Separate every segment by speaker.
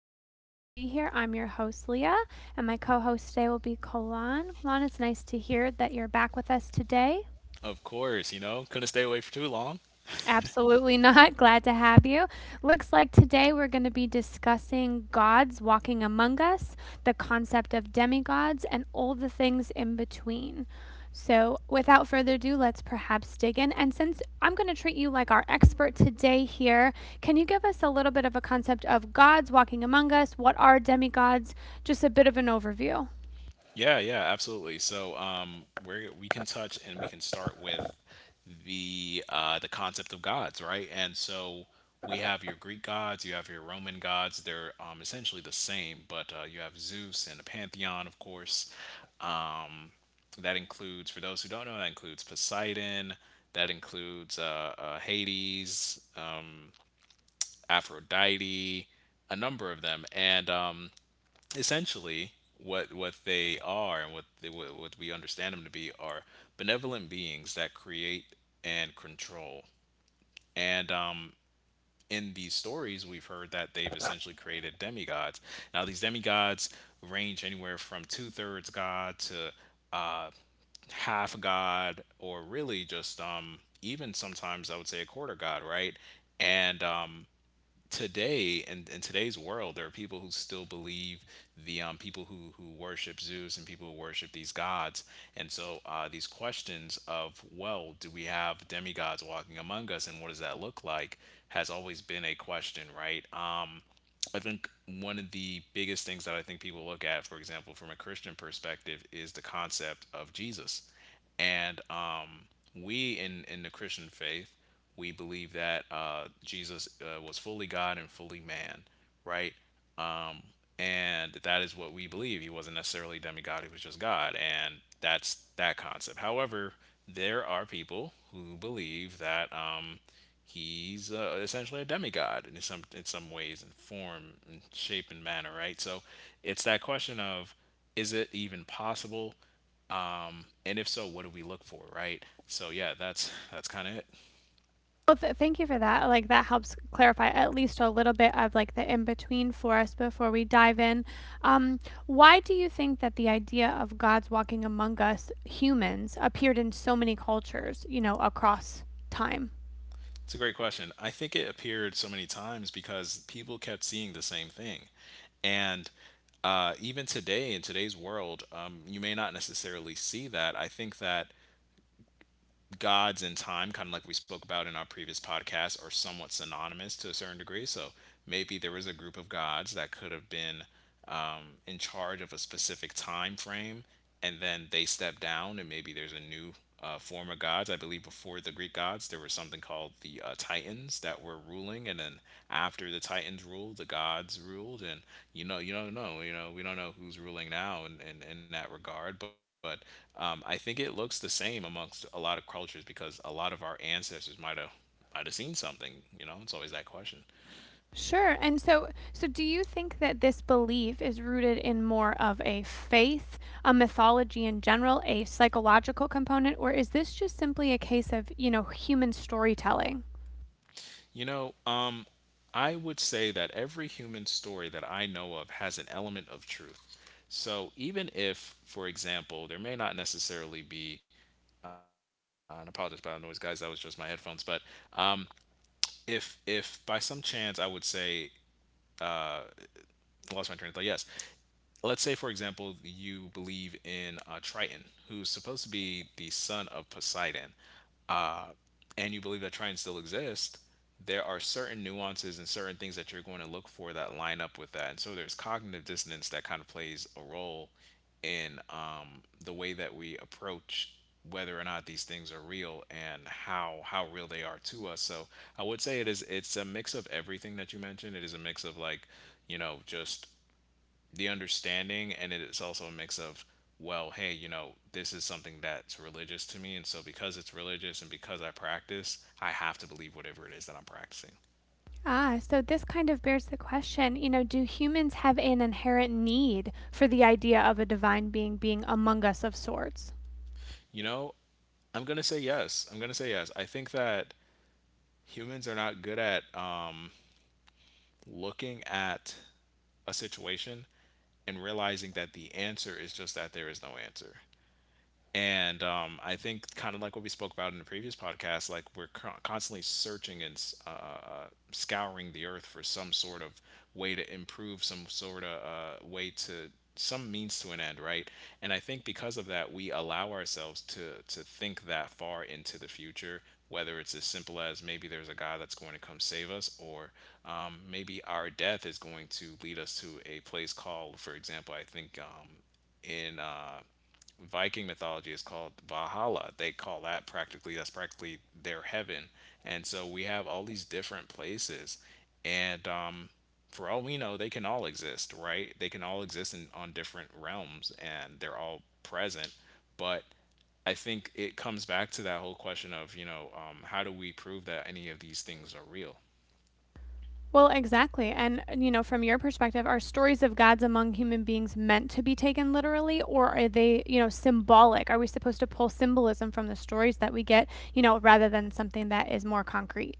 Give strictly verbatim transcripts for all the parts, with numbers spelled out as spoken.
Speaker 1: show. Glad to be here. I'm your host, Leah, and my co host today will be Kolan. Kolan, it's nice to hear that you're back with us today. Absolutely not. Glad to have you. Looks like today we're going to be discussing gods walking among us, the concept of demigods, and all the things in between. So, without further ado, let's perhaps dig in. And since I'm going to treat you like our expert today here, can you give us a little bit of a concept of gods walking among us? What are demigods? Just a bit of an overview. Well, th- thank you for that. Like that helps clarify at least a little bit of like the in between for us before we dive in. Um, why do you think that the idea of God's walking among us humans appeared in so many cultures, you know, across time? Sure. And so so do you think that this belief is rooted in more of a faith, a mythology in general, a psychological component, or is this just simply a case of, you know, human storytelling? Ah, so this kind of bears the question, you know, do humans have an inherent need for the idea of a divine being being among us of sorts? Well, exactly. And, you know, from your perspective, are stories of gods among human beings meant to be taken literally, or are they, you know, symbolic? Are we supposed to pull symbolism from the stories that we get, you know, rather than something that is more concrete?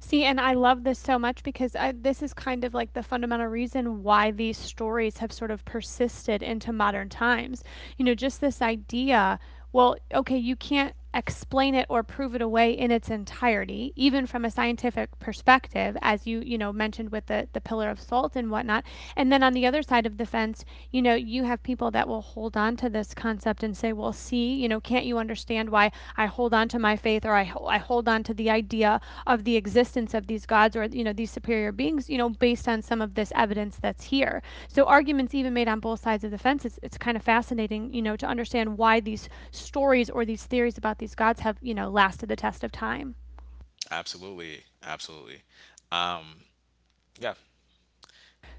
Speaker 1: See, and I love this so much because I, this is kind of like the fundamental reason why these stories have sort of persisted into modern times. You know, just this idea well, okay, you can't explain it or prove it away in its entirety, even from a scientific perspective, as you, you know, mentioned with the, the pillar of salt and whatnot. And then on the other side of the fence, you know, you have have people that will hold on to this concept and say, well, see, you know, can't you understand why I hold on to my faith or I, I hold on to the idea of the existence of these gods or, you know, these superior beings, you know, based on some of this evidence that's here. So arguments even made on both sides of the fence, it's, it's kind of fascinating, you know, to understand why these stories or these theories about these gods have, you know, lasted the test of time.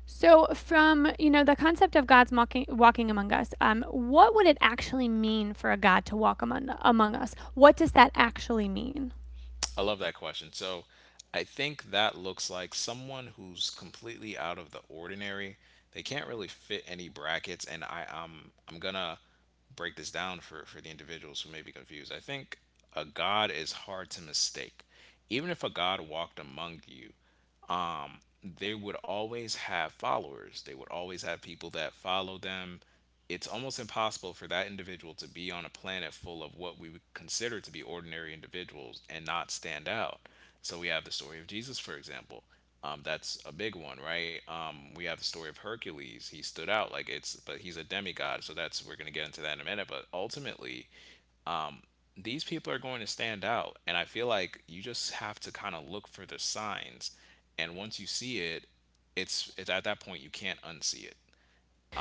Speaker 1: So, from you know the concept of God's walking, walking among us, um, what would it actually mean for a God to walk among, among us? What does that actually mean?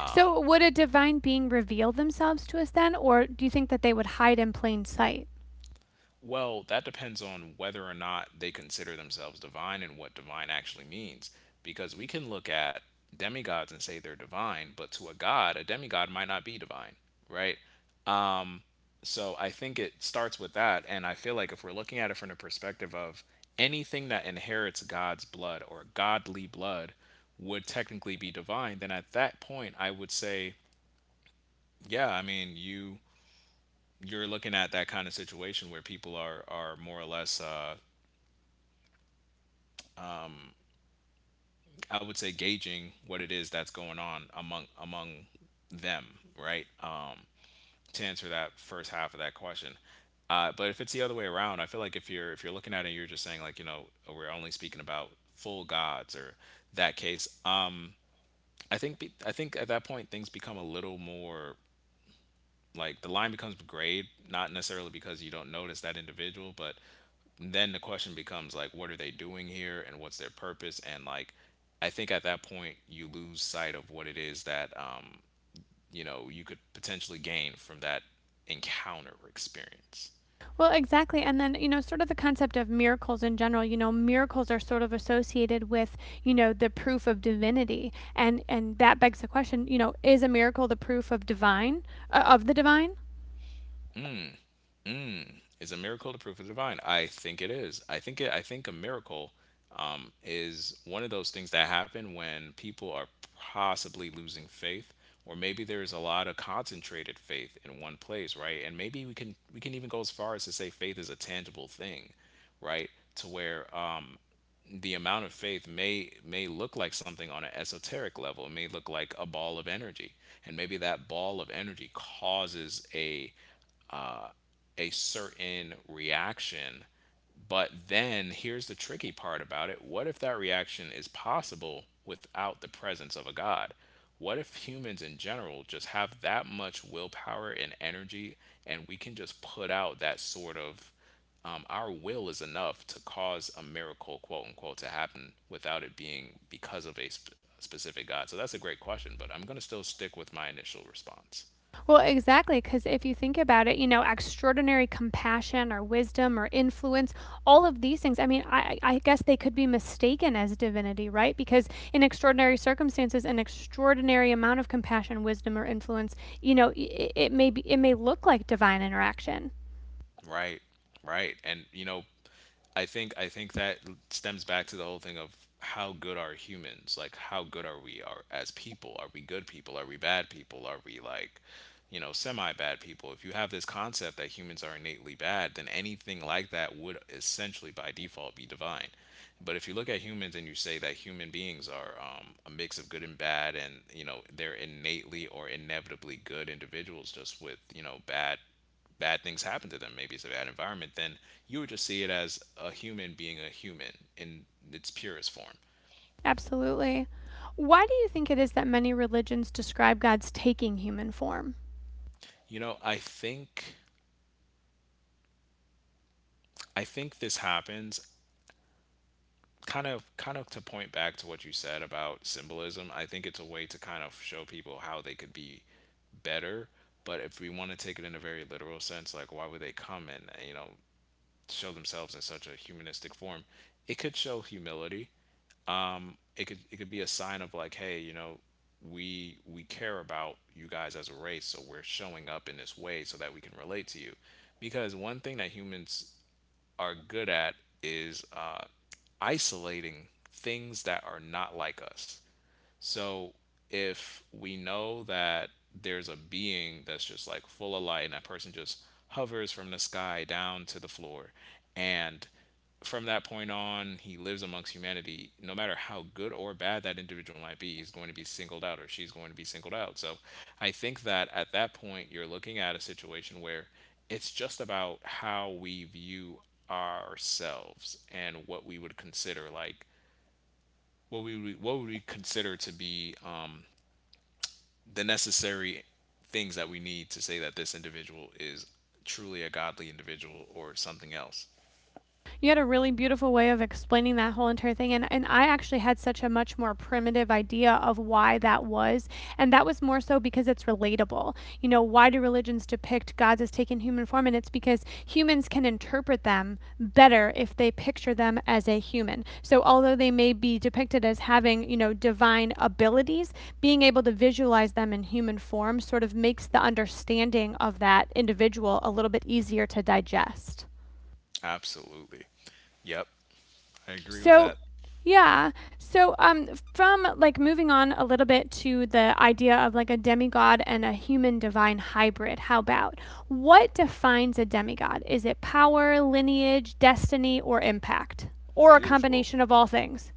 Speaker 1: So, would a divine being reveal themselves to us then, or do you think that they would hide in plain sight? Well, exactly. And then, you know, sort of the concept of miracles in general, you know, miracles are sort of associated with, you know, the proof of divinity. And and that begs the question, you know, is a miracle the proof of divine uh, of the divine? Well, exactly. Because if you think about it, you know, extraordinary compassion or wisdom or influence, all of these things, I mean, I, I guess they could be mistaken as divinity, right? Because in extraordinary circumstances, an extraordinary amount of compassion, wisdom, or influence, you know, it, it may be, it may look like divine interaction. Absolutely. Why do you think it is that many religions describe God's taking human form? You had a really beautiful way of explaining that whole entire thing. And, and I actually had such a much more primitive idea of why that was. And that was more so because it's relatable. You know, why do religions depict gods as taking human form? And it's because humans can interpret them better if they picture them as a human. So although they may be depicted as having, you know, divine abilities, being able to visualize them in human form sort of makes the understanding of that individual a little bit easier to digest. So, yeah. So, um, from like moving on a little bit to the idea of like a demigod and a human divine hybrid, how about what defines a demigod? Is it power, lineage, destiny, or impact, or a combination of all things?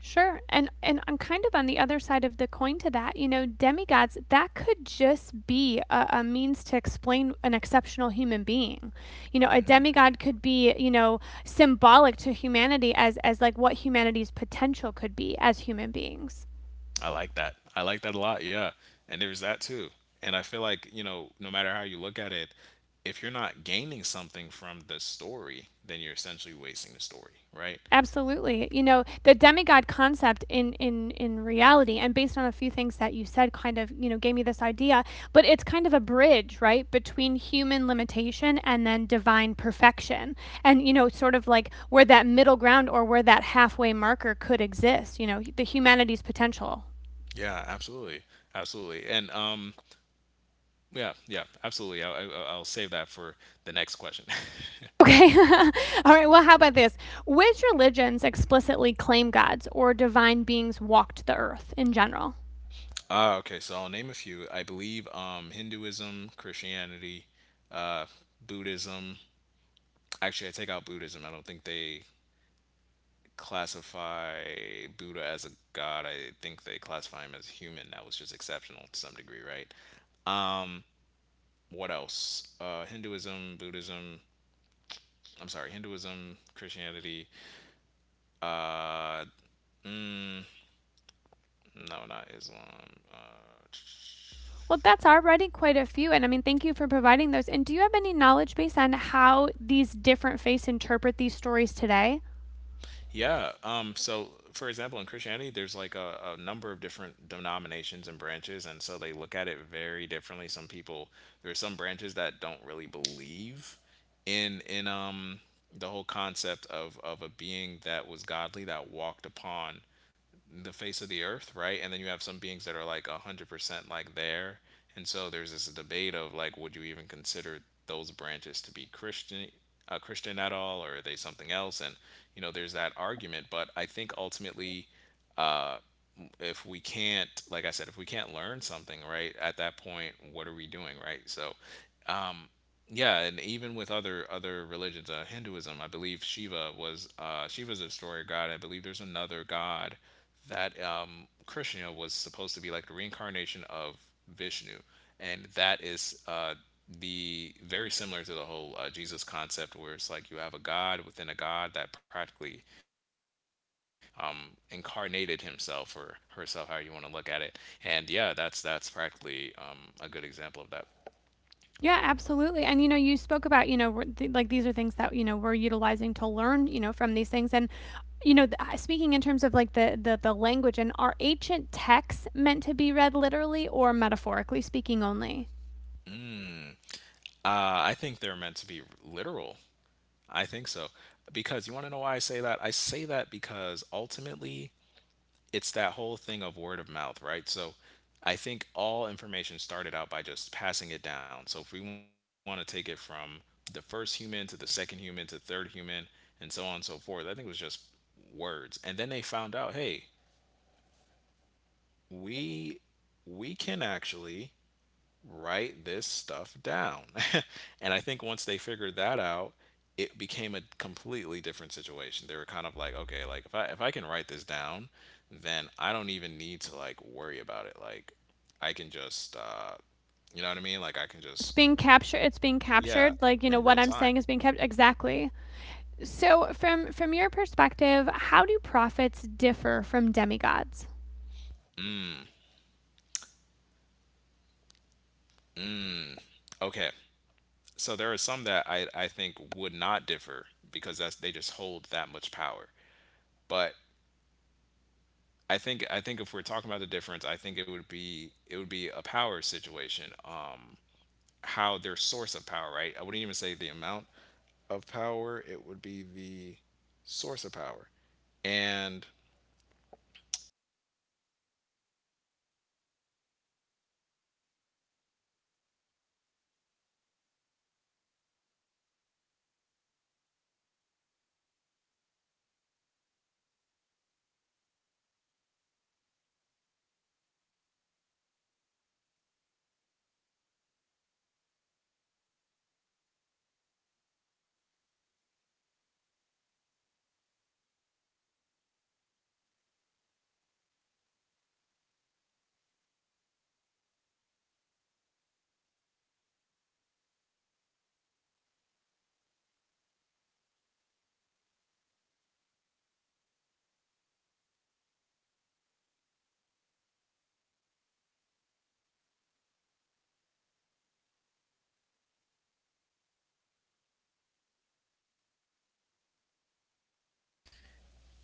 Speaker 1: Sure. And and I'm kind of on the other side of the coin to that. You know, demigods, that could just be a, a means to explain an exceptional human being. You know, a demigod could be, you know, symbolic to humanity as as like what humanity's potential could be as human beings. Absolutely. You know, the demigod concept in in in reality and based on a few things that you said kind of, you know, gave me this idea, but it's kind of a bridge, right, between human limitation and then divine perfection. And you know, sort of like where that middle ground or where that halfway marker could exist, you know, the humanity's potential. Okay. All right. Well, how about this? Which religions explicitly claim gods or divine beings walked the earth in general? Well, that's already quite a few. And I mean, thank you for providing those. And do you have any knowledge base on how these different faiths interpret these stories today? Yeah, absolutely. And you know, you spoke about, you know, th- like these are things that, you know, we're utilizing to learn, you know, from these things. And you know, th- uh, speaking in terms of like the, the the language and are ancient texts meant to be read literally or metaphorically speaking only? It's being captured, it's being captured, like, you know, what I'm saying is being captured exactly. So, from from your perspective, how do prophets differ from demigods?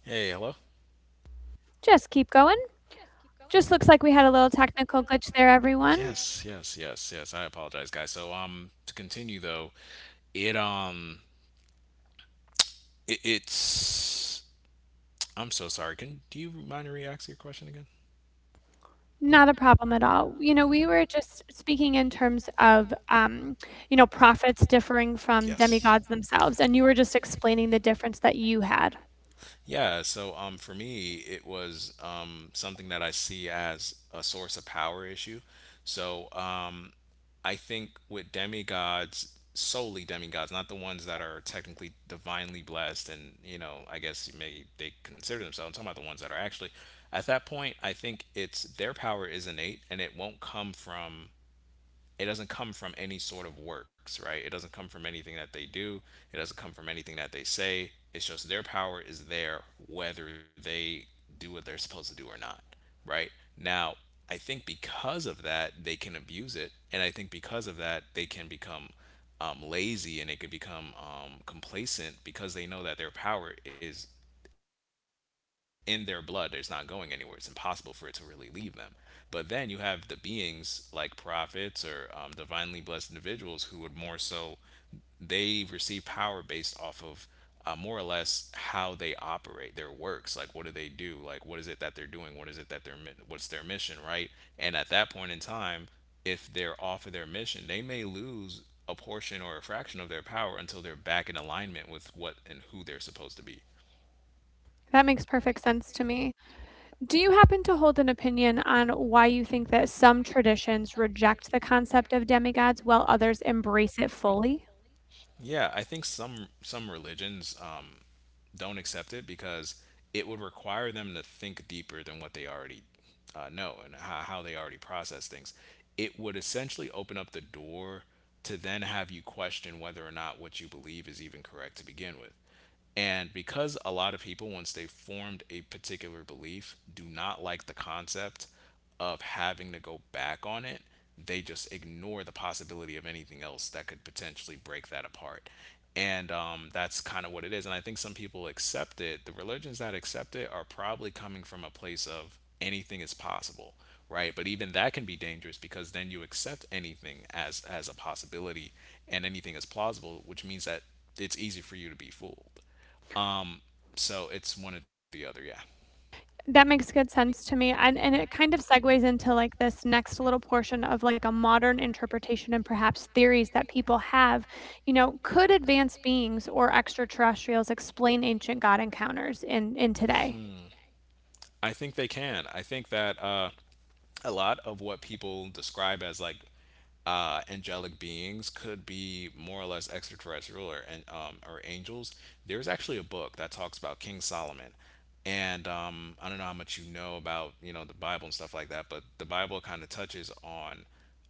Speaker 2: Hey, hello.
Speaker 1: Just keep going. Just looks like we had a little technical glitch there, everyone.
Speaker 2: Yes, yes, yes, yes. I apologize, guys. So, um, to continue though, it um, it, it's. I'm so sorry. Can do you mind re ask your question again?
Speaker 1: Not a problem at all. You know, we were just speaking in terms of, um, you know, prophets differing from
Speaker 2: Yes.
Speaker 1: demigods themselves, and you were just explaining the difference that you had.
Speaker 2: Yeah, so um, for me, it was um, something that I see as a source of power issue. So um, I think with demigods, solely demigods, not the ones that are technically divinely blessed, and you know, I guess maybe they consider themselves. I'm talking about the ones that are actually. At that point, I think it's their power is innate, and it won't come from it doesn't come from any sort of works, right? It doesn't come from anything that they do. It doesn't come from anything that they say. It's just their power is there whether they do what they're supposed to do or not, right? Now, I think because of that, they can abuse it. And I think because of that, they can become um, lazy, and they could become um, complacent because they know that their power is in their blood. It's not going anywhere. It's impossible for it to really leave them. But then you have the beings like prophets or um, divinely blessed individuals who would more so they receive power based off of uh, more or less how they operate their works, like what do they do, like what is it that they're doing, what is it that they're mi- what's their mission, right? And at that point in time, if they're off of their mission, they may lose a portion or a fraction of their power until they're back in alignment with what and who they're supposed to be.
Speaker 1: That makes perfect sense to me. Do you happen to hold an opinion on why you think that some traditions reject the concept of demigods while others embrace it fully?
Speaker 2: Yeah, I think some some religions um don't accept it because it would require them to think deeper than what they already uh, know, and how, how they already process things. It would essentially open up the door to then have you question whether or not what you believe is even correct to begin with. And because a lot of people, once they've formed a particular belief, do not like the concept of having to go back on it, they just ignore the possibility of anything else that could potentially break that apart. And um, that's kind of what it is. And I think some people accept it. The religions that accept it are probably coming from a place of anything is possible, right? But even that can be dangerous, because then you accept anything as as a possibility, and anything is plausible, which means that it's easy for you to be fooled. um, so it's one or the other. Yeah,
Speaker 1: That makes good sense to me, and and it kind of segues into, like, this next little portion of, like, a modern interpretation and perhaps theories that people have. You know, could advanced beings or extraterrestrials explain ancient God encounters in in today?
Speaker 2: I think they can. I think that uh, a lot of what people describe as like uh, angelic beings could be more or less extraterrestrial or and um, or angels. There's actually a book that talks about King Solomon, and um, I don't know how much you know about, you know, the Bible and stuff like that, but the Bible kind of touches on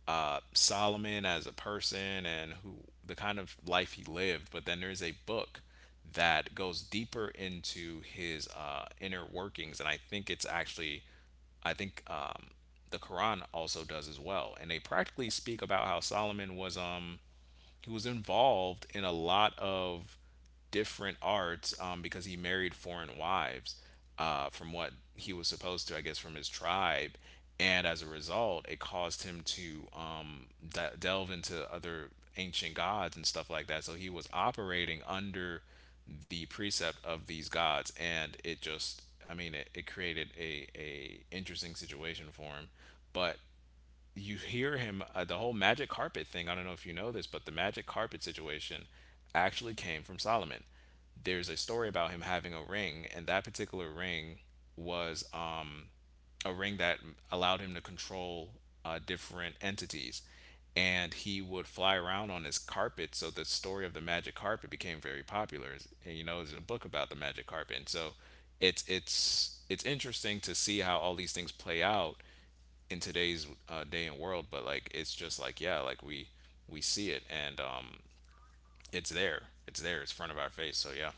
Speaker 2: uh, Solomon as a person and who the kind of life he lived. But then there's a book that goes deeper into his uh, inner workings, and I think it's actually, I think um, the Quran also does as well, and they practically speak about how Solomon was um, he was involved in a lot of different arts um, because he married foreign wives uh, from what he was supposed to, I guess, from his tribe. And as a result, it caused him to um, de- delve into other ancient gods and stuff like that. So he was operating under the precept of these gods, and it just, I mean, it, it created a, a interesting situation for him. But you hear him uh, the whole magic carpet thing. I don't know if you know this, but the magic carpet situation actually came from Solomon. There's a story about him having a ring, and that particular ring was um, a ring that allowed him to control uh, different entities. And he would fly around on his carpet, so the story of the magic carpet became very popular. And you know, there's a book about the magic carpet, and so it's it's it's interesting to see how all these things play out in today's uh, day and world, but like it's just like, yeah, like we we see it, and um, it's there, it's there, it's front of our face. So yeah,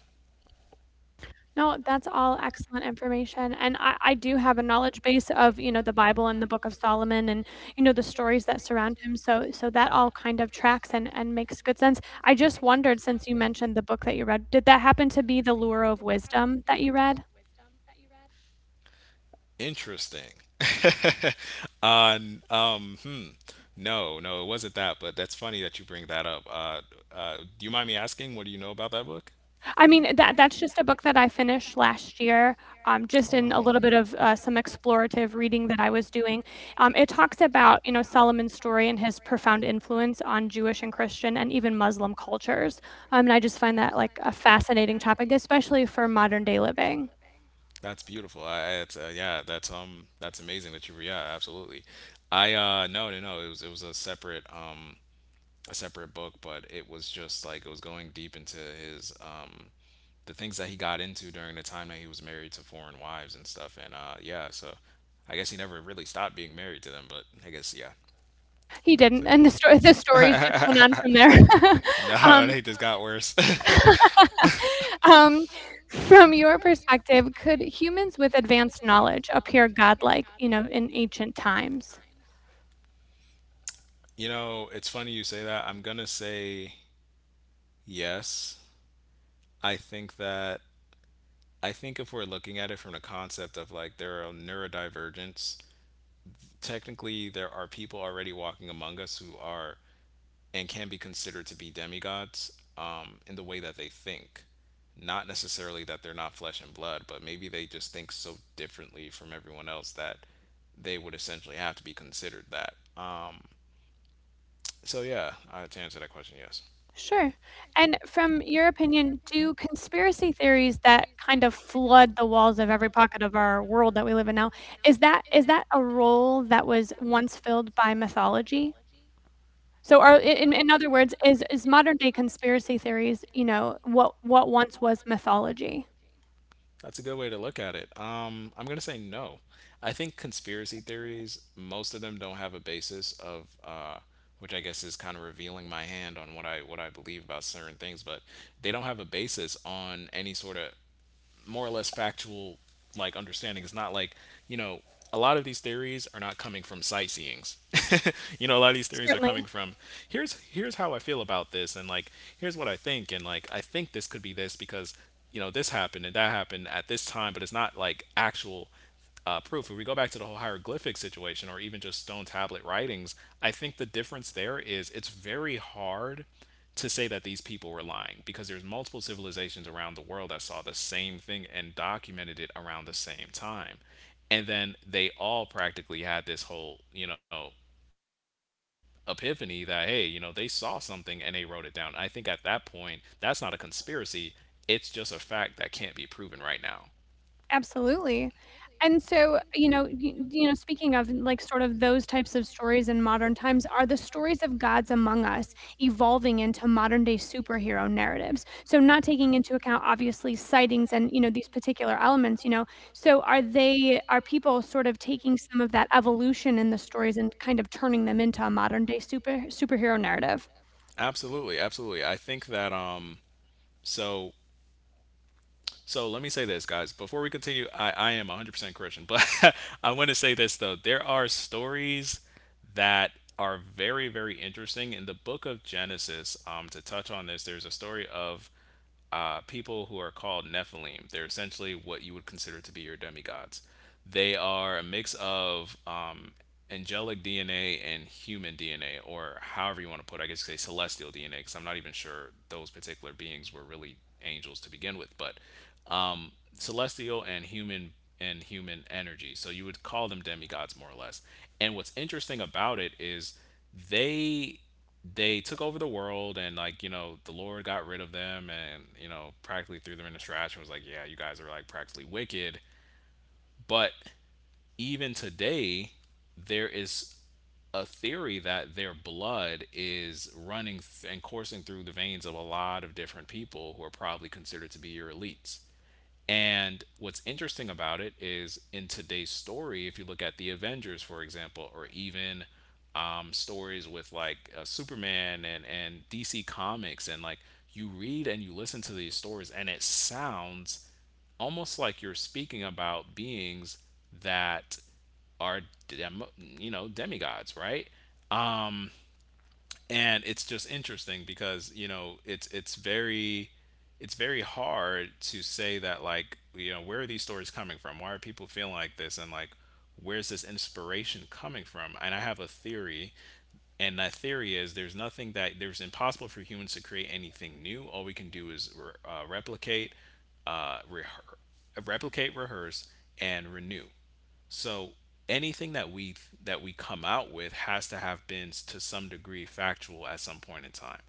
Speaker 1: No, that's all excellent information, and I I do have a knowledge base of, you know, the Bible and the Book of Solomon and, you know, the stories that surround him, so so that all kind of tracks and and makes good sense. I just wondered, since you mentioned the book that you read, did that happen to be The Lure of Wisdom that you read?
Speaker 2: interesting. Uh, n- um, hmm. No, no, it wasn't that, but that's funny that you bring that up. Uh, uh, do you mind me asking what do you know about that book?
Speaker 1: I mean, that that's just a book that I finished last year, um, just
Speaker 2: Oh
Speaker 1: in a
Speaker 2: wow.
Speaker 1: little bit of uh, some explorative reading that I was doing. Um, it talks about, you know, Solomon's story and his profound influence on Jewish and Christian and even Muslim cultures. Um, and I just find that like a fascinating topic, especially for modern day living.
Speaker 2: That's beautiful. I, I- it's uh, yeah, that's um, that's amazing that you were, yeah, absolutely. I uh, no, no, no. It was it was a separate um, a separate book, but it was just like it was going deep into his um, the things that he got into during the time that he was married to foreign wives and stuff. And uh, yeah, so I guess he never really stopped being married to them, but I guess yeah,
Speaker 1: He
Speaker 2: that was
Speaker 1: didn't,
Speaker 2: it.
Speaker 1: and the story the
Speaker 2: just
Speaker 1: stories just
Speaker 2: got
Speaker 1: went on from there.
Speaker 2: from No,
Speaker 1: um,
Speaker 2: they just got Um, worse.
Speaker 1: um, from your perspective, could humans with advanced knowledge appear godlike, you know, in ancient times?
Speaker 2: You know, it's funny you say that. I'm gonna say yes. I think that, I think if we're looking at it from the concept of like there are neurodivergence, technically there are people already walking among us who are and can be considered to be demigods um, in the way that they think. Not necessarily that they're not flesh and blood, but maybe they just think so differently from everyone else that they would essentially have to be considered that. Um, so yeah, uh, to answer that question, yes.
Speaker 1: Sure. And from your opinion, do conspiracy theories that kind of flood the walls of every pocket of our world that we live in now, is that is that a role that was once filled by mythology? So are in in other words, is is modern day conspiracy theories, you know, what what once was mythology?
Speaker 2: That's a good way to look at it. Um, I'm gonna say no. I think conspiracy theories, most of them don't have a basis of, uh, which I guess is kind of revealing my hand on what I what I believe about certain things, but they don't have a basis on any sort of more or less factual like understanding. It's not like, you know, a lot of these theories are not coming from sightseeings. You know, a lot of these theories are
Speaker 1: Certainly.
Speaker 2: coming from here's here's how I feel about this, and like here's what I think, and like I think this could be this because you know this happened and that happened at this time, but it's not like actual uh, proof. If we go back to the whole hieroglyphic situation or even just stone tablet writings, I think the difference there is it's very hard to say that these people were lying, because there's multiple civilizations around the world that saw the same thing and documented it around the same time. And then they all practically had this whole, you know, epiphany that, hey, you know, they saw something and they wrote it down. I think at that point, that's not a conspiracy. It's just a fact that can't be proven right now.
Speaker 1: Absolutely. And
Speaker 2: Yeah.
Speaker 1: so, you know, y you know, speaking of, like, sort of those types of stories in modern times, are the stories of gods among us evolving into modern day superhero narratives? So not taking into account, obviously, sightings and, you know, these particular elements, you know? So are they are people sort of taking some of that evolution in the stories and kind of turning them into a modern day super superhero narrative?
Speaker 2: Absolutely, absolutely. I think that um so, so let me say this, guys. Before we continue, I, I am one hundred percent Christian, but I want to say this, though. There are stories that are very, very interesting. In the book of Genesis, um, to touch on this, there's a story of uh, people who are called Nephilim. They're essentially what you would consider to be your demigods. They are a mix of um, angelic D N A and human D N A, or however you want to put it. I guess you say celestial D N A, because I'm not even sure those particular beings were really angels to begin with, but um, celestial and human and human energy. So you would call them demigods more or less. And what's interesting about it is they they took over the world. And, like, you know, the Lord got rid of them and, you know, practically threw them in the trash and was like, yeah, you guys are like practically wicked. But even today there is a theory that their blood is running th- and coursing through the veins of a lot of different people who are probably considered to be your elites. And what's interesting about it is in today's story, if you look at the Avengers, for example, or even um, stories with like uh, Superman and, and D C Comics, and like you read and you listen to these stories, and it sounds almost like you're speaking about beings that are dem- you know, demigods, right? And it's just interesting because, you know, it's it's very it's very hard to say that, like, you know, where are these stories coming from, why are people feeling like this, and like where's this inspiration coming from? And I have a theory, and that theory is there's nothing that there's impossible for humans to create anything new. All we can do is re- uh, replicate, uh, rehe- replicate, rehearse, and renew. So anything that we that we come out with has to have been to some degree factual at some point in time.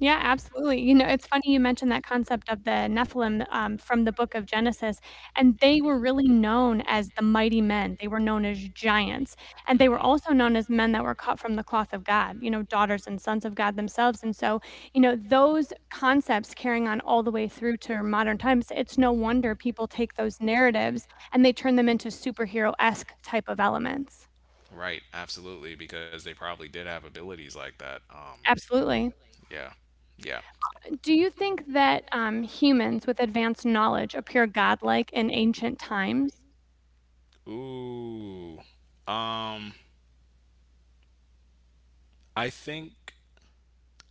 Speaker 1: Yeah, absolutely. You know, it's funny you mentioned that concept of the Nephilim um, from the book of Genesis, and they were really known as the mighty men. They were known as giants, and they were also
Speaker 2: Hmm.
Speaker 1: known as men that were cut from the cloth of God, you know, daughters and sons of God themselves. And so, you know, those concepts carrying on all the way through to modern times, it's no wonder people take those narratives and they turn them into superhero esque type of elements.
Speaker 2: Right, absolutely, because they probably did have abilities like that. Um,
Speaker 1: Absolutely.
Speaker 2: yeah, yeah.
Speaker 1: Do you think that um, humans with advanced knowledge appear godlike in ancient times?
Speaker 2: Ooh. um, I think.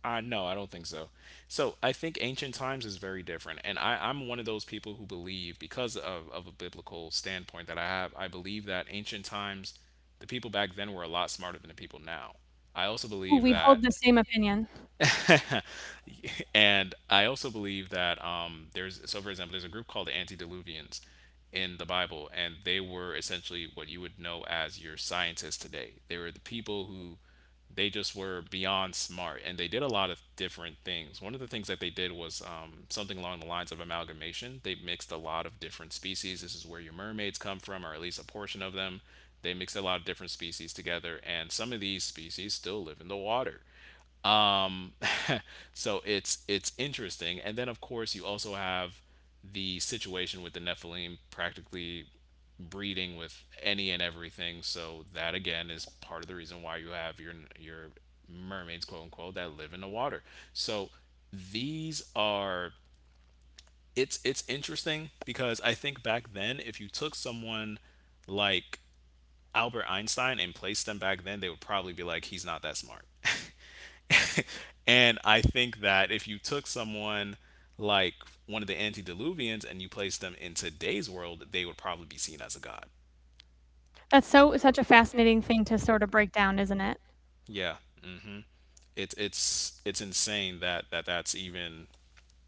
Speaker 2: Uh, no, I don't think so. So I think ancient times is very different, and I, I'm one of those people who believe, because of, of a biblical standpoint that I have, I believe that ancient times, the people back then were a lot smarter than the people now. I also
Speaker 1: Ooh,
Speaker 2: believe
Speaker 1: we
Speaker 2: that.
Speaker 1: hold the same opinion.
Speaker 2: And I also believe that um, there's, so for example, there's a group called the Antediluvians in the Bible, and they were essentially what you would know as your scientists today. They were the people who they just were beyond smart, and they did a lot of different things. One of the things that they did was um, something along the lines of amalgamation. They mixed a lot of different species. This is where your mermaids come from, or at least a portion of them. They mixed a lot of different species together, and some of these species still live in the water. um so it's it's interesting and then of course you also have the situation with the Nephilim practically breeding with any and everything. So that again is part of the reason why you have your your mermaids, quote unquote, that live in the water. So these are, it's it's interesting because I think back then if you took someone like Albert Einstein and placed them back then, they would probably be like, he's not that smart. And I think that if you took someone like one of the Antediluvians and you placed them in today's world, they would probably be seen as a god.
Speaker 1: That's so such a fascinating thing to sort of break down, isn't it?
Speaker 2: Yeah, it's it's it's insane that that that's even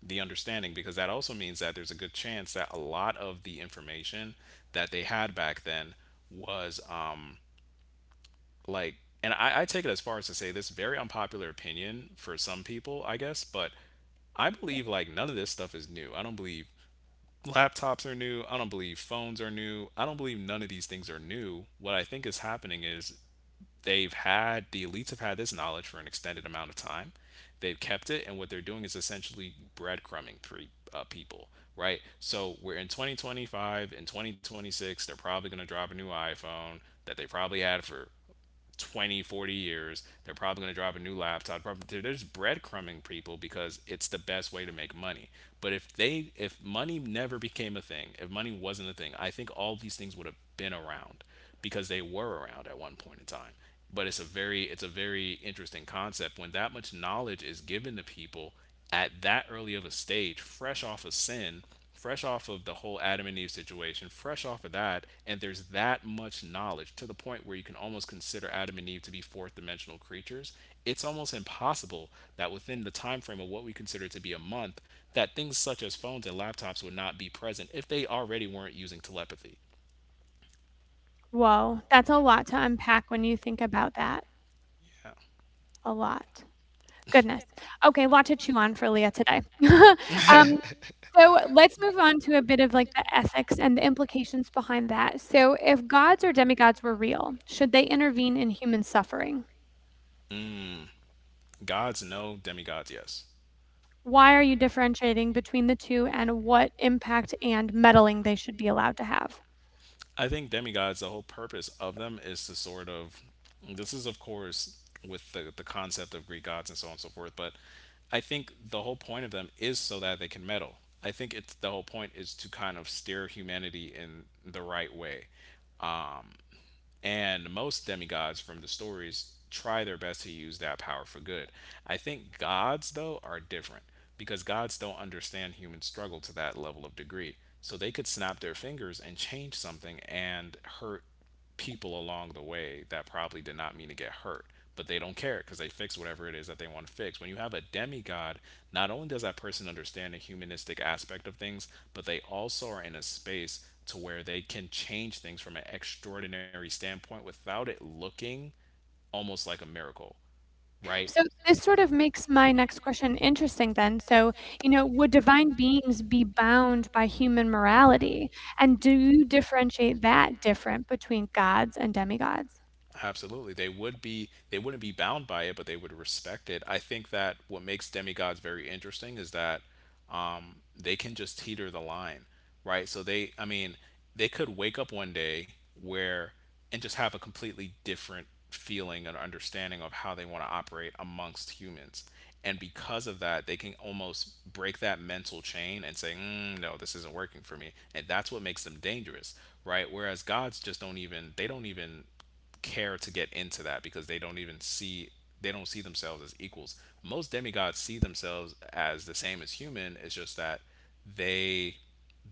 Speaker 2: the understanding, because that also means that there's a good chance that a lot of the information that they had back then was um like and I, I take it as far as to say this very unpopular opinion for some people, I guess, but I believe, like, none of this stuff is new. I don't believe laptops are new. I don't believe phones are new. I don't believe none of these things are new. What I think is happening is they've had, the elites have had this knowledge for an extended amount of time. They've kept it, and what they're doing is essentially breadcrumbing pre, uh, people, right? So we're in twenty twenty-five, in twenty twenty-six they're probably going to drop a new iPhone that they probably had for twenty forty years. They're probably going to drop a new laptop. Probably, they they're just breadcrumbing people because it's the best way to make money. But if they, if money never became a thing, if money wasn't a thing, I think all these things would have been around because they were around at one point in time. But it's a very, it's a very interesting concept when that much knowledge is given to people at that early of a stage, fresh off of sin, fresh off of the whole Adam and Eve situation, fresh off of that, and there's that much knowledge to the point where you can almost consider Adam and Eve to be fourth dimensional creatures. It's almost impossible that within the time frame of what we consider to be a month, that things such as phones and laptops would not be present if they already weren't using telepathy.
Speaker 1: Whoa, that's a lot to unpack when you think about that.
Speaker 2: Yeah.
Speaker 1: A lot. Goodness. Okay, a lot to chew on for Leah today. um, so let's move on to a bit of like the ethics and the implications behind that. So, if gods or demigods were real, should they intervene in human suffering?
Speaker 2: Mm. Gods no, demigods yes.
Speaker 1: Why are you differentiating between the two and what impact and meddling they should be allowed to have?
Speaker 2: I think demigods, the whole purpose of them is to sort of, this is of course with the the concept of Greek gods and so on and so forth, but I think the whole point of them is so that they can meddle. I think it's, the whole point is to kind of steer humanity in the right way. And most demigods from the stories try their best to use that power for good. I think gods though are different because gods don't understand human struggle to that level of degree. So they could snap their fingers and change something and hurt people along the way that probably did not mean to get hurt, but they don't care because they fix whatever it is that they want to fix. When you have a demigod, not only does that person understand the humanistic aspect of things, but they also are in a space to where they can change things from an extraordinary standpoint without it looking almost like a miracle, right?
Speaker 1: So this sort of makes my next question interesting then. So, you know, would divine beings be bound by human morality? And do you differentiate that different between gods and demigods?
Speaker 2: Absolutely. They would be, they wouldn't be bound by it, but they would respect it. I think that what makes demigods very interesting is that um they can just teeter the line, right? So they, I mean, they could wake up one day where and just have a completely different feeling and understanding of how they want to operate amongst humans. And because of that, they can almost break that mental chain and say, mm, no, this isn't working for me. And that's what makes them dangerous, right? Whereas gods just don't even, they don't even care to get into that because they don't even see, they don't see themselves as equals. Most demigods see themselves as the same as human. It's just that they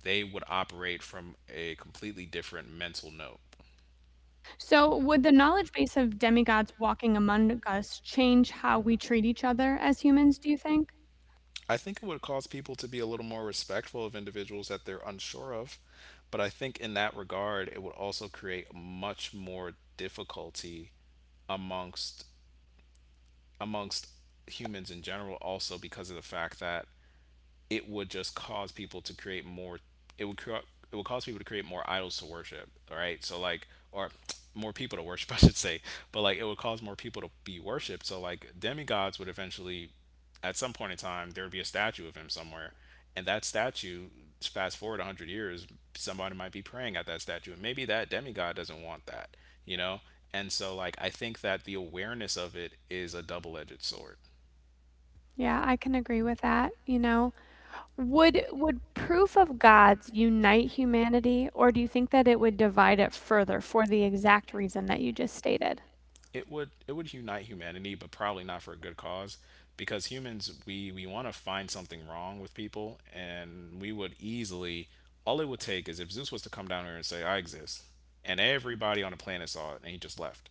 Speaker 2: they would operate from a completely different mental note.
Speaker 1: So would the knowledge base of demigods walking among us change how we treat each other as humans, do you think?
Speaker 2: I think it would cause people to be a little more respectful of individuals that they're unsure of, but I think in that regard it would also create much more difficulty amongst amongst humans in general also because of the fact that it would just cause people to create more. It would cre- it would cause people to create more idols to worship. All right, so like, or more people to worship, I should say. But like it would cause more people to be worshipped. So like demigods would eventually, at some point in time, there would be a statue of him somewhere, and that statue, fast forward a hundred years, somebody might be praying at that statue, and maybe that demigod doesn't want that, you know. And so like I think that the awareness of it is a double-edged sword.
Speaker 1: Yeah, I can agree with that, you know? Would would proof of gods unite humanity, or do you think that it would divide it further for the exact reason that you just stated?
Speaker 2: It would, it would unite humanity, but probably not for a good cause, because humans, we we want to find something wrong with people, and we would easily, all it would take is if Zeus was to come down here and say, "I exist," and everybody on the planet saw it, and he just left.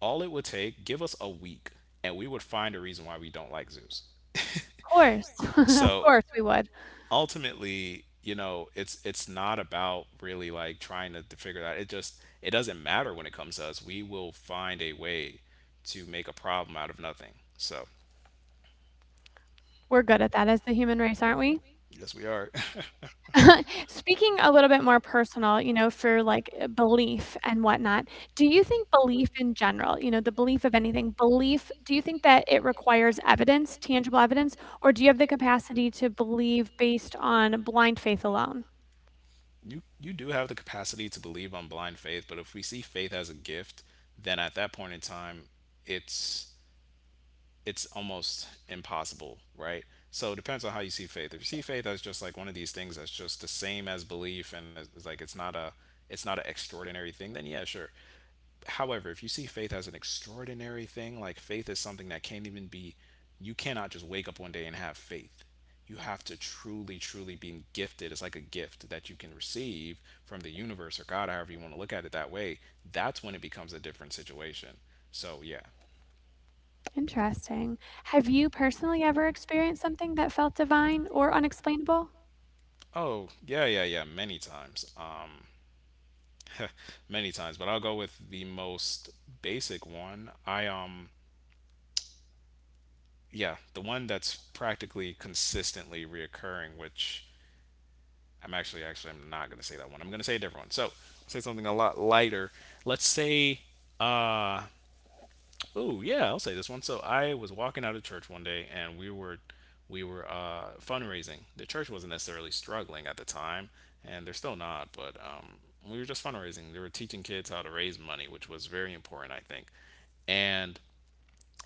Speaker 2: All it would take, give us a week, and we would find a reason why we don't like Zeus.
Speaker 1: Of course, of
Speaker 2: So
Speaker 1: course we would.
Speaker 2: ultimately, you know, it's it's not about really like trying to, to figure that. It just, it doesn't matter when it comes to us. We will find a way to make a problem out of nothing. So
Speaker 1: We're good at that as the human race, aren't we?
Speaker 2: yes, we are.
Speaker 1: Speaking a little bit more personal, you know, for like uh, belief and whatnot, do you think belief in general, you know, the belief of anything, belief, do you think that it requires evidence, tangible evidence, or do you have the capacity to believe based on blind faith alone?
Speaker 2: You you do have the capacity to believe on blind faith, but if we see faith as a gift, then at that point in time, it's it's almost impossible, right? So it depends on how you see faith. If you see faith as just like one of these things that's just the same as belief and it's like it's not a, it's not an extraordinary thing, then yeah, sure. However, if you see faith as an extraordinary thing, like faith is something that can't even be, you cannot just wake up one day and have faith. You have to truly, truly be gifted. It's like a gift that you can receive from the universe or God, however you want to look at it that way. That's when it becomes a different situation. So yeah.
Speaker 1: Interesting. Have you personally ever experienced something that felt divine or unexplainable?
Speaker 2: Oh, yeah, yeah, yeah, many times. Um many times, but I'll go with the most basic one. I um yeah, the one that's practically consistently reoccurring, which I'm actually actually, I'm not gonna say that one. I'm gonna say a different one. So I'll say something a lot lighter. Let's say uh, oh yeah, I'll say this one. So I was walking out of church one day, and we were, we were uh, fundraising. The church wasn't necessarily struggling at the time, and they're still not. But um, we were just fundraising. They were teaching kids how to raise money, which was very important, I think. And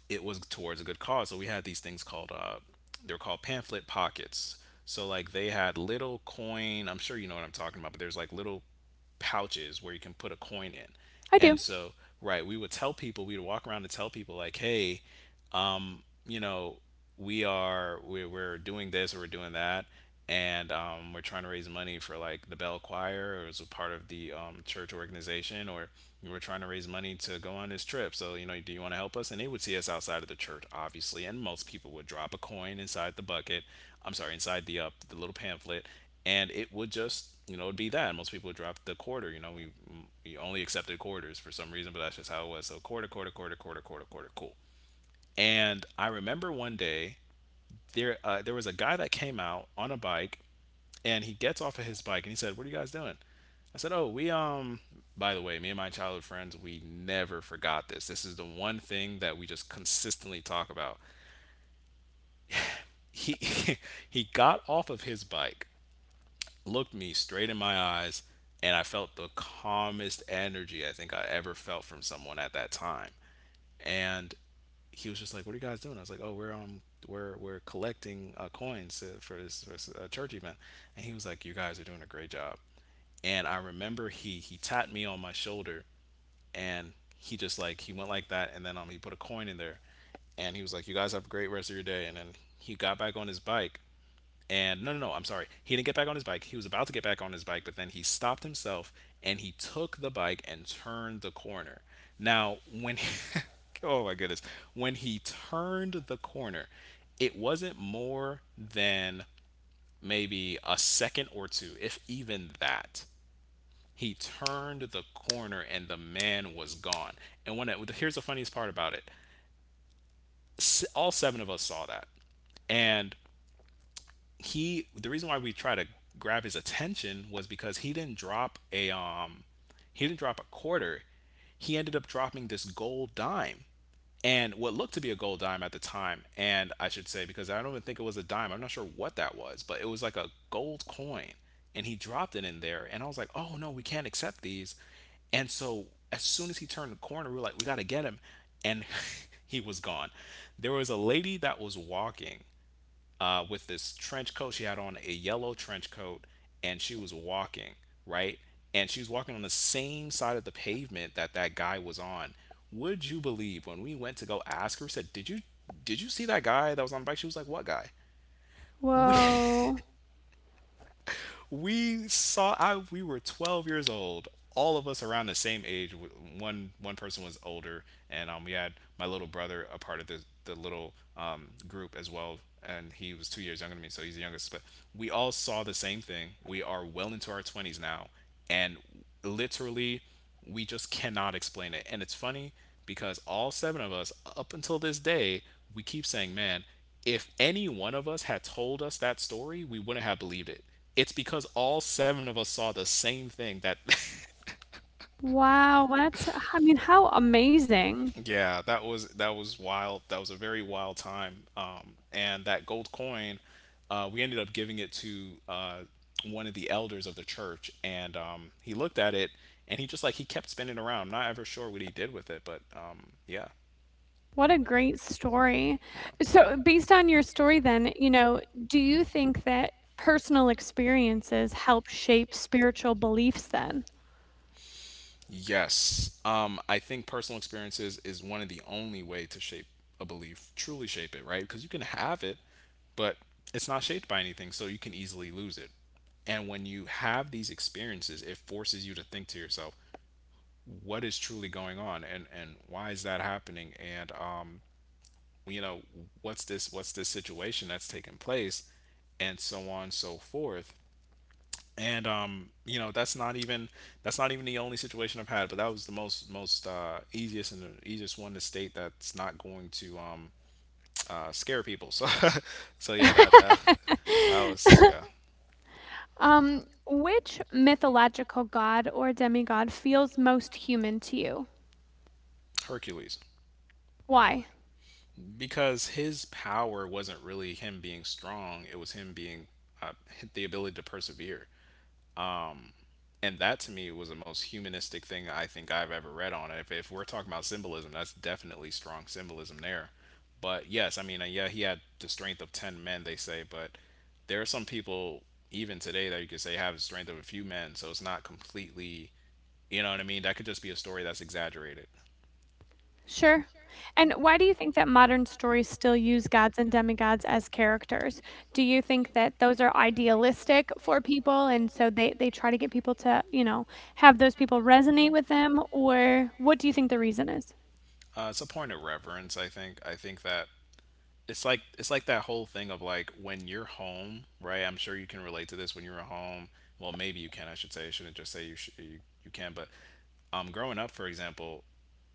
Speaker 2: it was towards a good cause. So we had these things called uh, they were called pamphlet pockets. So like they had little coin, I'm sure you know what I'm talking about, but there's like little pouches where you can put a coin in.
Speaker 1: I
Speaker 2: And
Speaker 1: do.
Speaker 2: so, right, we would tell people, we would walk around and tell people like, hey, um, you know, we are we're, we're doing this or we're doing that, and um, we're trying to raise money for like the Bell Choir or as a part of the um, church organization, or we're trying to raise money to go on this trip. So you know, do you want to help us? And they would see us outside of the church, obviously, and most people would drop a coin inside the bucket. I'm sorry, inside the uh, the little pamphlet, and it would just you know it'd be that most people would drop the quarter you know we we only accepted quarters for some reason, but that's just how it was. So quarter, quarter, quarter, quarter, quarter, quarter, cool. And I remember one day there uh, there was a guy that came out on a bike, and he gets off of his bike and he said, "What are you guys doing?" I said, "Oh, we um." By the way, me and my childhood friends, we never forgot this. This is the one thing that we just consistently talk about. He he got off of his bike, looked me straight in my eyes, and I felt the calmest energy I think I ever felt from someone at that time. And he was just like, "What are you guys doing?" I was like, "Oh, we're um, we're we're collecting uh, coins to, for this, for this uh, church event," and he was like, "You guys are doing a great job." And I remember he he tapped me on my shoulder, and he just like he went like that, and then um he put a coin in there, and he was like, "You guys have a great rest of your day," and then he got back on his bike, and no, no, no, I'm sorry. He didn't get back on his bike. He was about to get back on his bike, but then he stopped himself and he took the bike and turned the corner. Now, when he, oh my goodness, when he turned the corner, it wasn't more than maybe a second or two, if even that. He turned the corner and the man was gone. And when it, here's the funniest part about it S- all seven of us saw that. And he the reason why we try to grab his attention was because he didn't drop a um he didn't drop a quarter. He ended up dropping this gold dime, and what looked to be a gold dime at the time, and I should say, because I don't even think it was a dime. I'm not sure what that was, but it was like a gold coin, and he dropped it in there and I was like, "Oh no, we can't accept these." And so as soon as he turned the corner, we were like, "We got to get him." And he was gone. There was a lady that was walking uh, with this trench coat. She had on a yellow trench coat, and she was walking, right? And she was walking on the same side of the pavement that that guy was on. Would you believe, when we went to go ask her, we said, "Did you did you see that guy that was on the bike?" She was like, "What guy?" We
Speaker 1: Whoa.
Speaker 2: We saw I we were twelve years old. All of us around the same age. W- One one person was older, and um, we had my little brother a part of the the little um, group as well, and he was two years younger than me, so he's the youngest. But we all saw the same thing. We are well into our twenties now, and literally we just cannot explain it. And it's funny because all seven of us, up until this day, we keep saying, man, if any one of us had told us that story, we wouldn't have believed it. It's because all seven of us saw the same thing that
Speaker 1: Wow. That's, I mean, how amazing.
Speaker 2: yeah, that was that was wild. That was a very wild time. Um, and that gold coin, uh, we ended up giving it to uh, one of the elders of the church, and um, he looked at it and he just like he kept spinning around. I'm not ever sure what he did with it, but um, yeah.
Speaker 1: What a great story.
Speaker 2: Yeah.
Speaker 1: So, based on your story, then, you know, do you think that personal experiences help shape spiritual beliefs then?
Speaker 2: Yes. Um, I think personal experiences is one of the only way to shape a belief, truly shape it, right? Because you can have it, but it's not shaped by anything, so you can easily lose it. And when you have these experiences, it forces you to think to yourself, what is truly going on, and, and why is that happening? And um, you know, what's this what's this situation that's taking place? And so on and so forth. and um you know that's not even that's not even the only situation I've had, but that was the most most uh easiest and the easiest one to state that's not going to um uh scare people. So so yeah, that that, that was yeah.
Speaker 1: um, which mythological god or demigod feels most human to you?
Speaker 2: Hercules,
Speaker 1: Why?
Speaker 2: because his power wasn't really him being strong. It was him being uh, the ability to persevere, and that to me was the most humanistic thing I think I've ever read on it. If, if we're talking about symbolism, that's definitely strong symbolism there. But yes, I mean, uh, yeah, he had the strength of ten men, they say, but there are some people, even today, that you could say have the strength of a few men, so it's not completely, you know what I mean? That could just be a story that's exaggerated.
Speaker 1: Sure. And why do you think that modern stories still use gods and demigods as characters? Do you think that those are idealistic for people and so they they try to get people to, you know, have those people resonate with them, or what do you think the reason is?
Speaker 2: Uh, it's a point of reverence, I think. I think that it's like it's like that whole thing of like when you're home, right? I'm sure you can relate to this when you're at home. Well, maybe you can. I should say I shouldn't just say you sh- you, you can, but um, growing up, for example,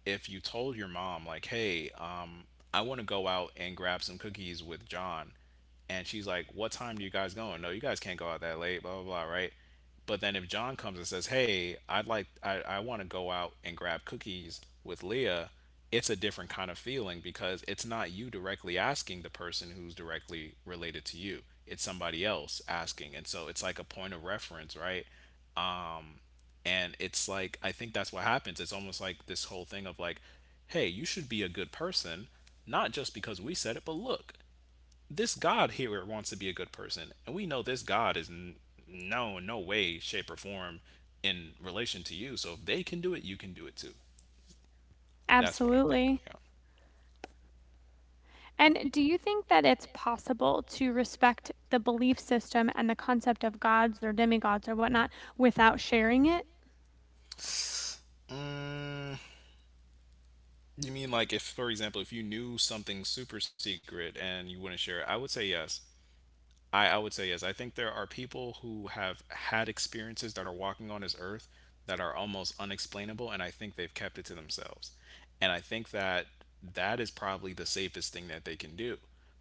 Speaker 2: if you told your mom like, "Hey, um, I want to go out and grab some cookies with John," and she's like, "What time do you guys going? No, you guys can't go out that late." Blah blah blah. Right. But then if John comes and says, "Hey, I'd like I, I want to go out and grab cookies with Leah," it's a different kind of feeling because it's not you directly asking the person who's directly related to you. It's somebody else asking. And so it's like a point of reference, right? And it's like, I think that's what happens. It's almost like this whole thing of like, hey, you should be a good person, not just because we said it, but look, this god here wants to be a good person, and we know this god is n- no no way shape or form in relation to you. So if they can do it, you can do it too. That's what I think.
Speaker 1: Absolutely.
Speaker 2: Yeah.
Speaker 1: And do you think that it's possible to respect the belief system and the concept of gods or demigods or whatnot without sharing it?
Speaker 2: Mm, you mean like if, for example, if you knew something super secret and you wouldn't share it? I would say yes. I, I would say yes. I think there are people who have had experiences that are walking on this earth that are almost unexplainable, and I think they've kept it to themselves. And I think that that is probably the safest thing that they can do,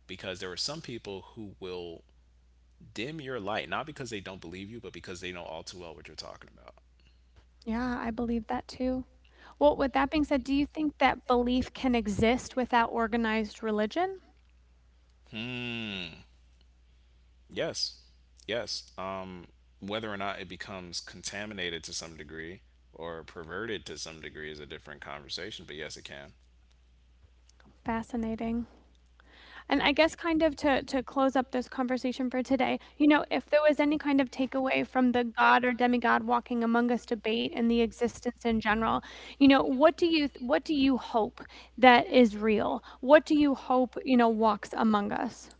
Speaker 2: because there are some people who will dim your light, not because they don't believe you, but because they know all too well what you're talking about.
Speaker 1: Yeah, I believe that too. Well, with that being said, do you think that belief can exist without organized religion?
Speaker 2: Hmm. Yes. Yes. Um, whether or not it becomes contaminated to some degree or perverted to some degree is a different conversation, but yes, it can.
Speaker 1: Fascinating. And I guess kind of to to close up this conversation for today, you know, if there was any kind of takeaway from the God or demigod walking among us debate and the existence in general, you know, what do you what do you hope that is real? What do you hope, you know, walks among us?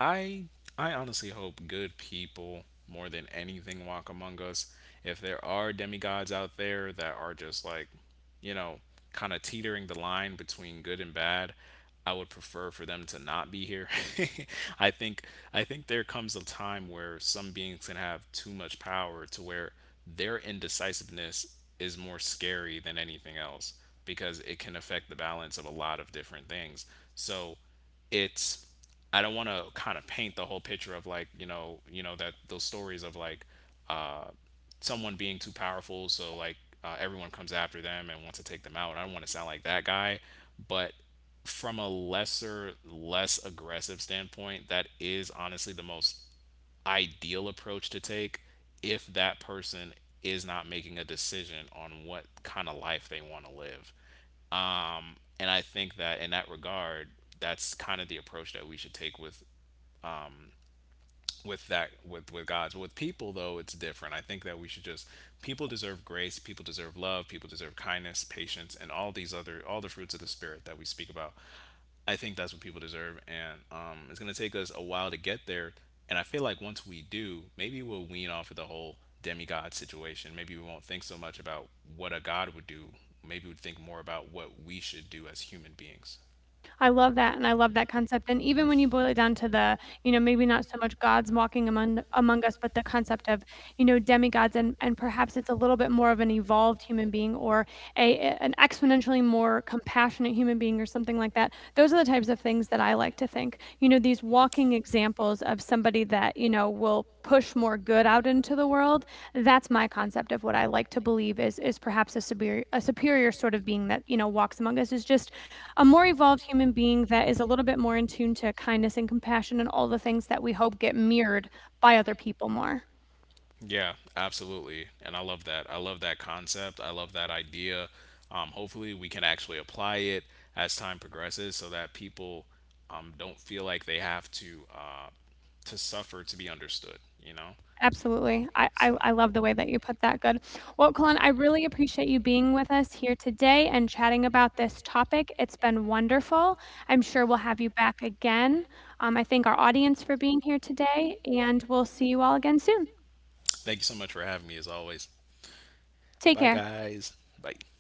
Speaker 2: I I honestly hope good people more than anything walk among us. If there are demigods out there that are just like, you know, kind of teetering the line between good and bad, I would prefer for them to not be here. I think I think there comes a time where some beings can have too much power to where their indecisiveness is more scary than anything else, because it can affect the balance of a lot of different things. So it's, I don't want to kind of paint the whole picture of like, you know you know that those stories of like uh, someone being too powerful, so like uh, everyone comes after them and wants to take them out. I don't want to sound like that guy, but from a lesser less aggressive standpoint, that is honestly the most ideal approach to take if that person is not making a decision on what kind of life they want to live. Um, and I think that in that regard, that's kind of the approach that we should take with with that with with God's. With people though, it's different. I think that we should just, people deserve grace, people deserve love, people deserve kindness, patience, and all these other all the fruits of the spirit that we speak about. I think that's what people deserve, and um, it's gonna take us a while to get there. And I feel like once we do, maybe we'll wean off of the whole demigod situation. Maybe we won't think so much about what a god would do. Maybe we'd think more about what we should do as human beings.
Speaker 1: I love that, and I love that concept, and even when you boil it down to the, you know, maybe not so much gods walking among among us, but the concept of, you know, demigods and and perhaps it's a little bit more of an evolved human being or a a- an exponentially more compassionate human being or something like that. Those are the types of things that I like to think. You know, these walking examples of somebody that, you know, will push more good out into the world, that's my concept of what I like to believe is is perhaps a superior a superior sort of being that, you know, walks among us is just a more evolved human being that is a little bit more in tune to kindness and compassion and all the things that we hope get mirrored by other people more.
Speaker 2: Yeah, absolutely. And I love that. I love that concept. I love that idea. Um, hopefully, we can actually apply it as time progresses so that people um, don't feel like they have to uh, to suffer to be understood, you know?
Speaker 1: Absolutely.
Speaker 2: Absolutely.
Speaker 1: I, I,
Speaker 2: So, bye.
Speaker 1: I love the way that you put that. Good. Well, Colin, I really appreciate you being with us here today and chatting about this topic. It's been wonderful. I'm sure we'll have you back again. Um, I thank our audience for being here today, and we'll see you all again soon.
Speaker 2: Thank you so much for having me, as always.
Speaker 1: Take
Speaker 2: Bye, thank you.
Speaker 1: care.
Speaker 2: Guys. Bye.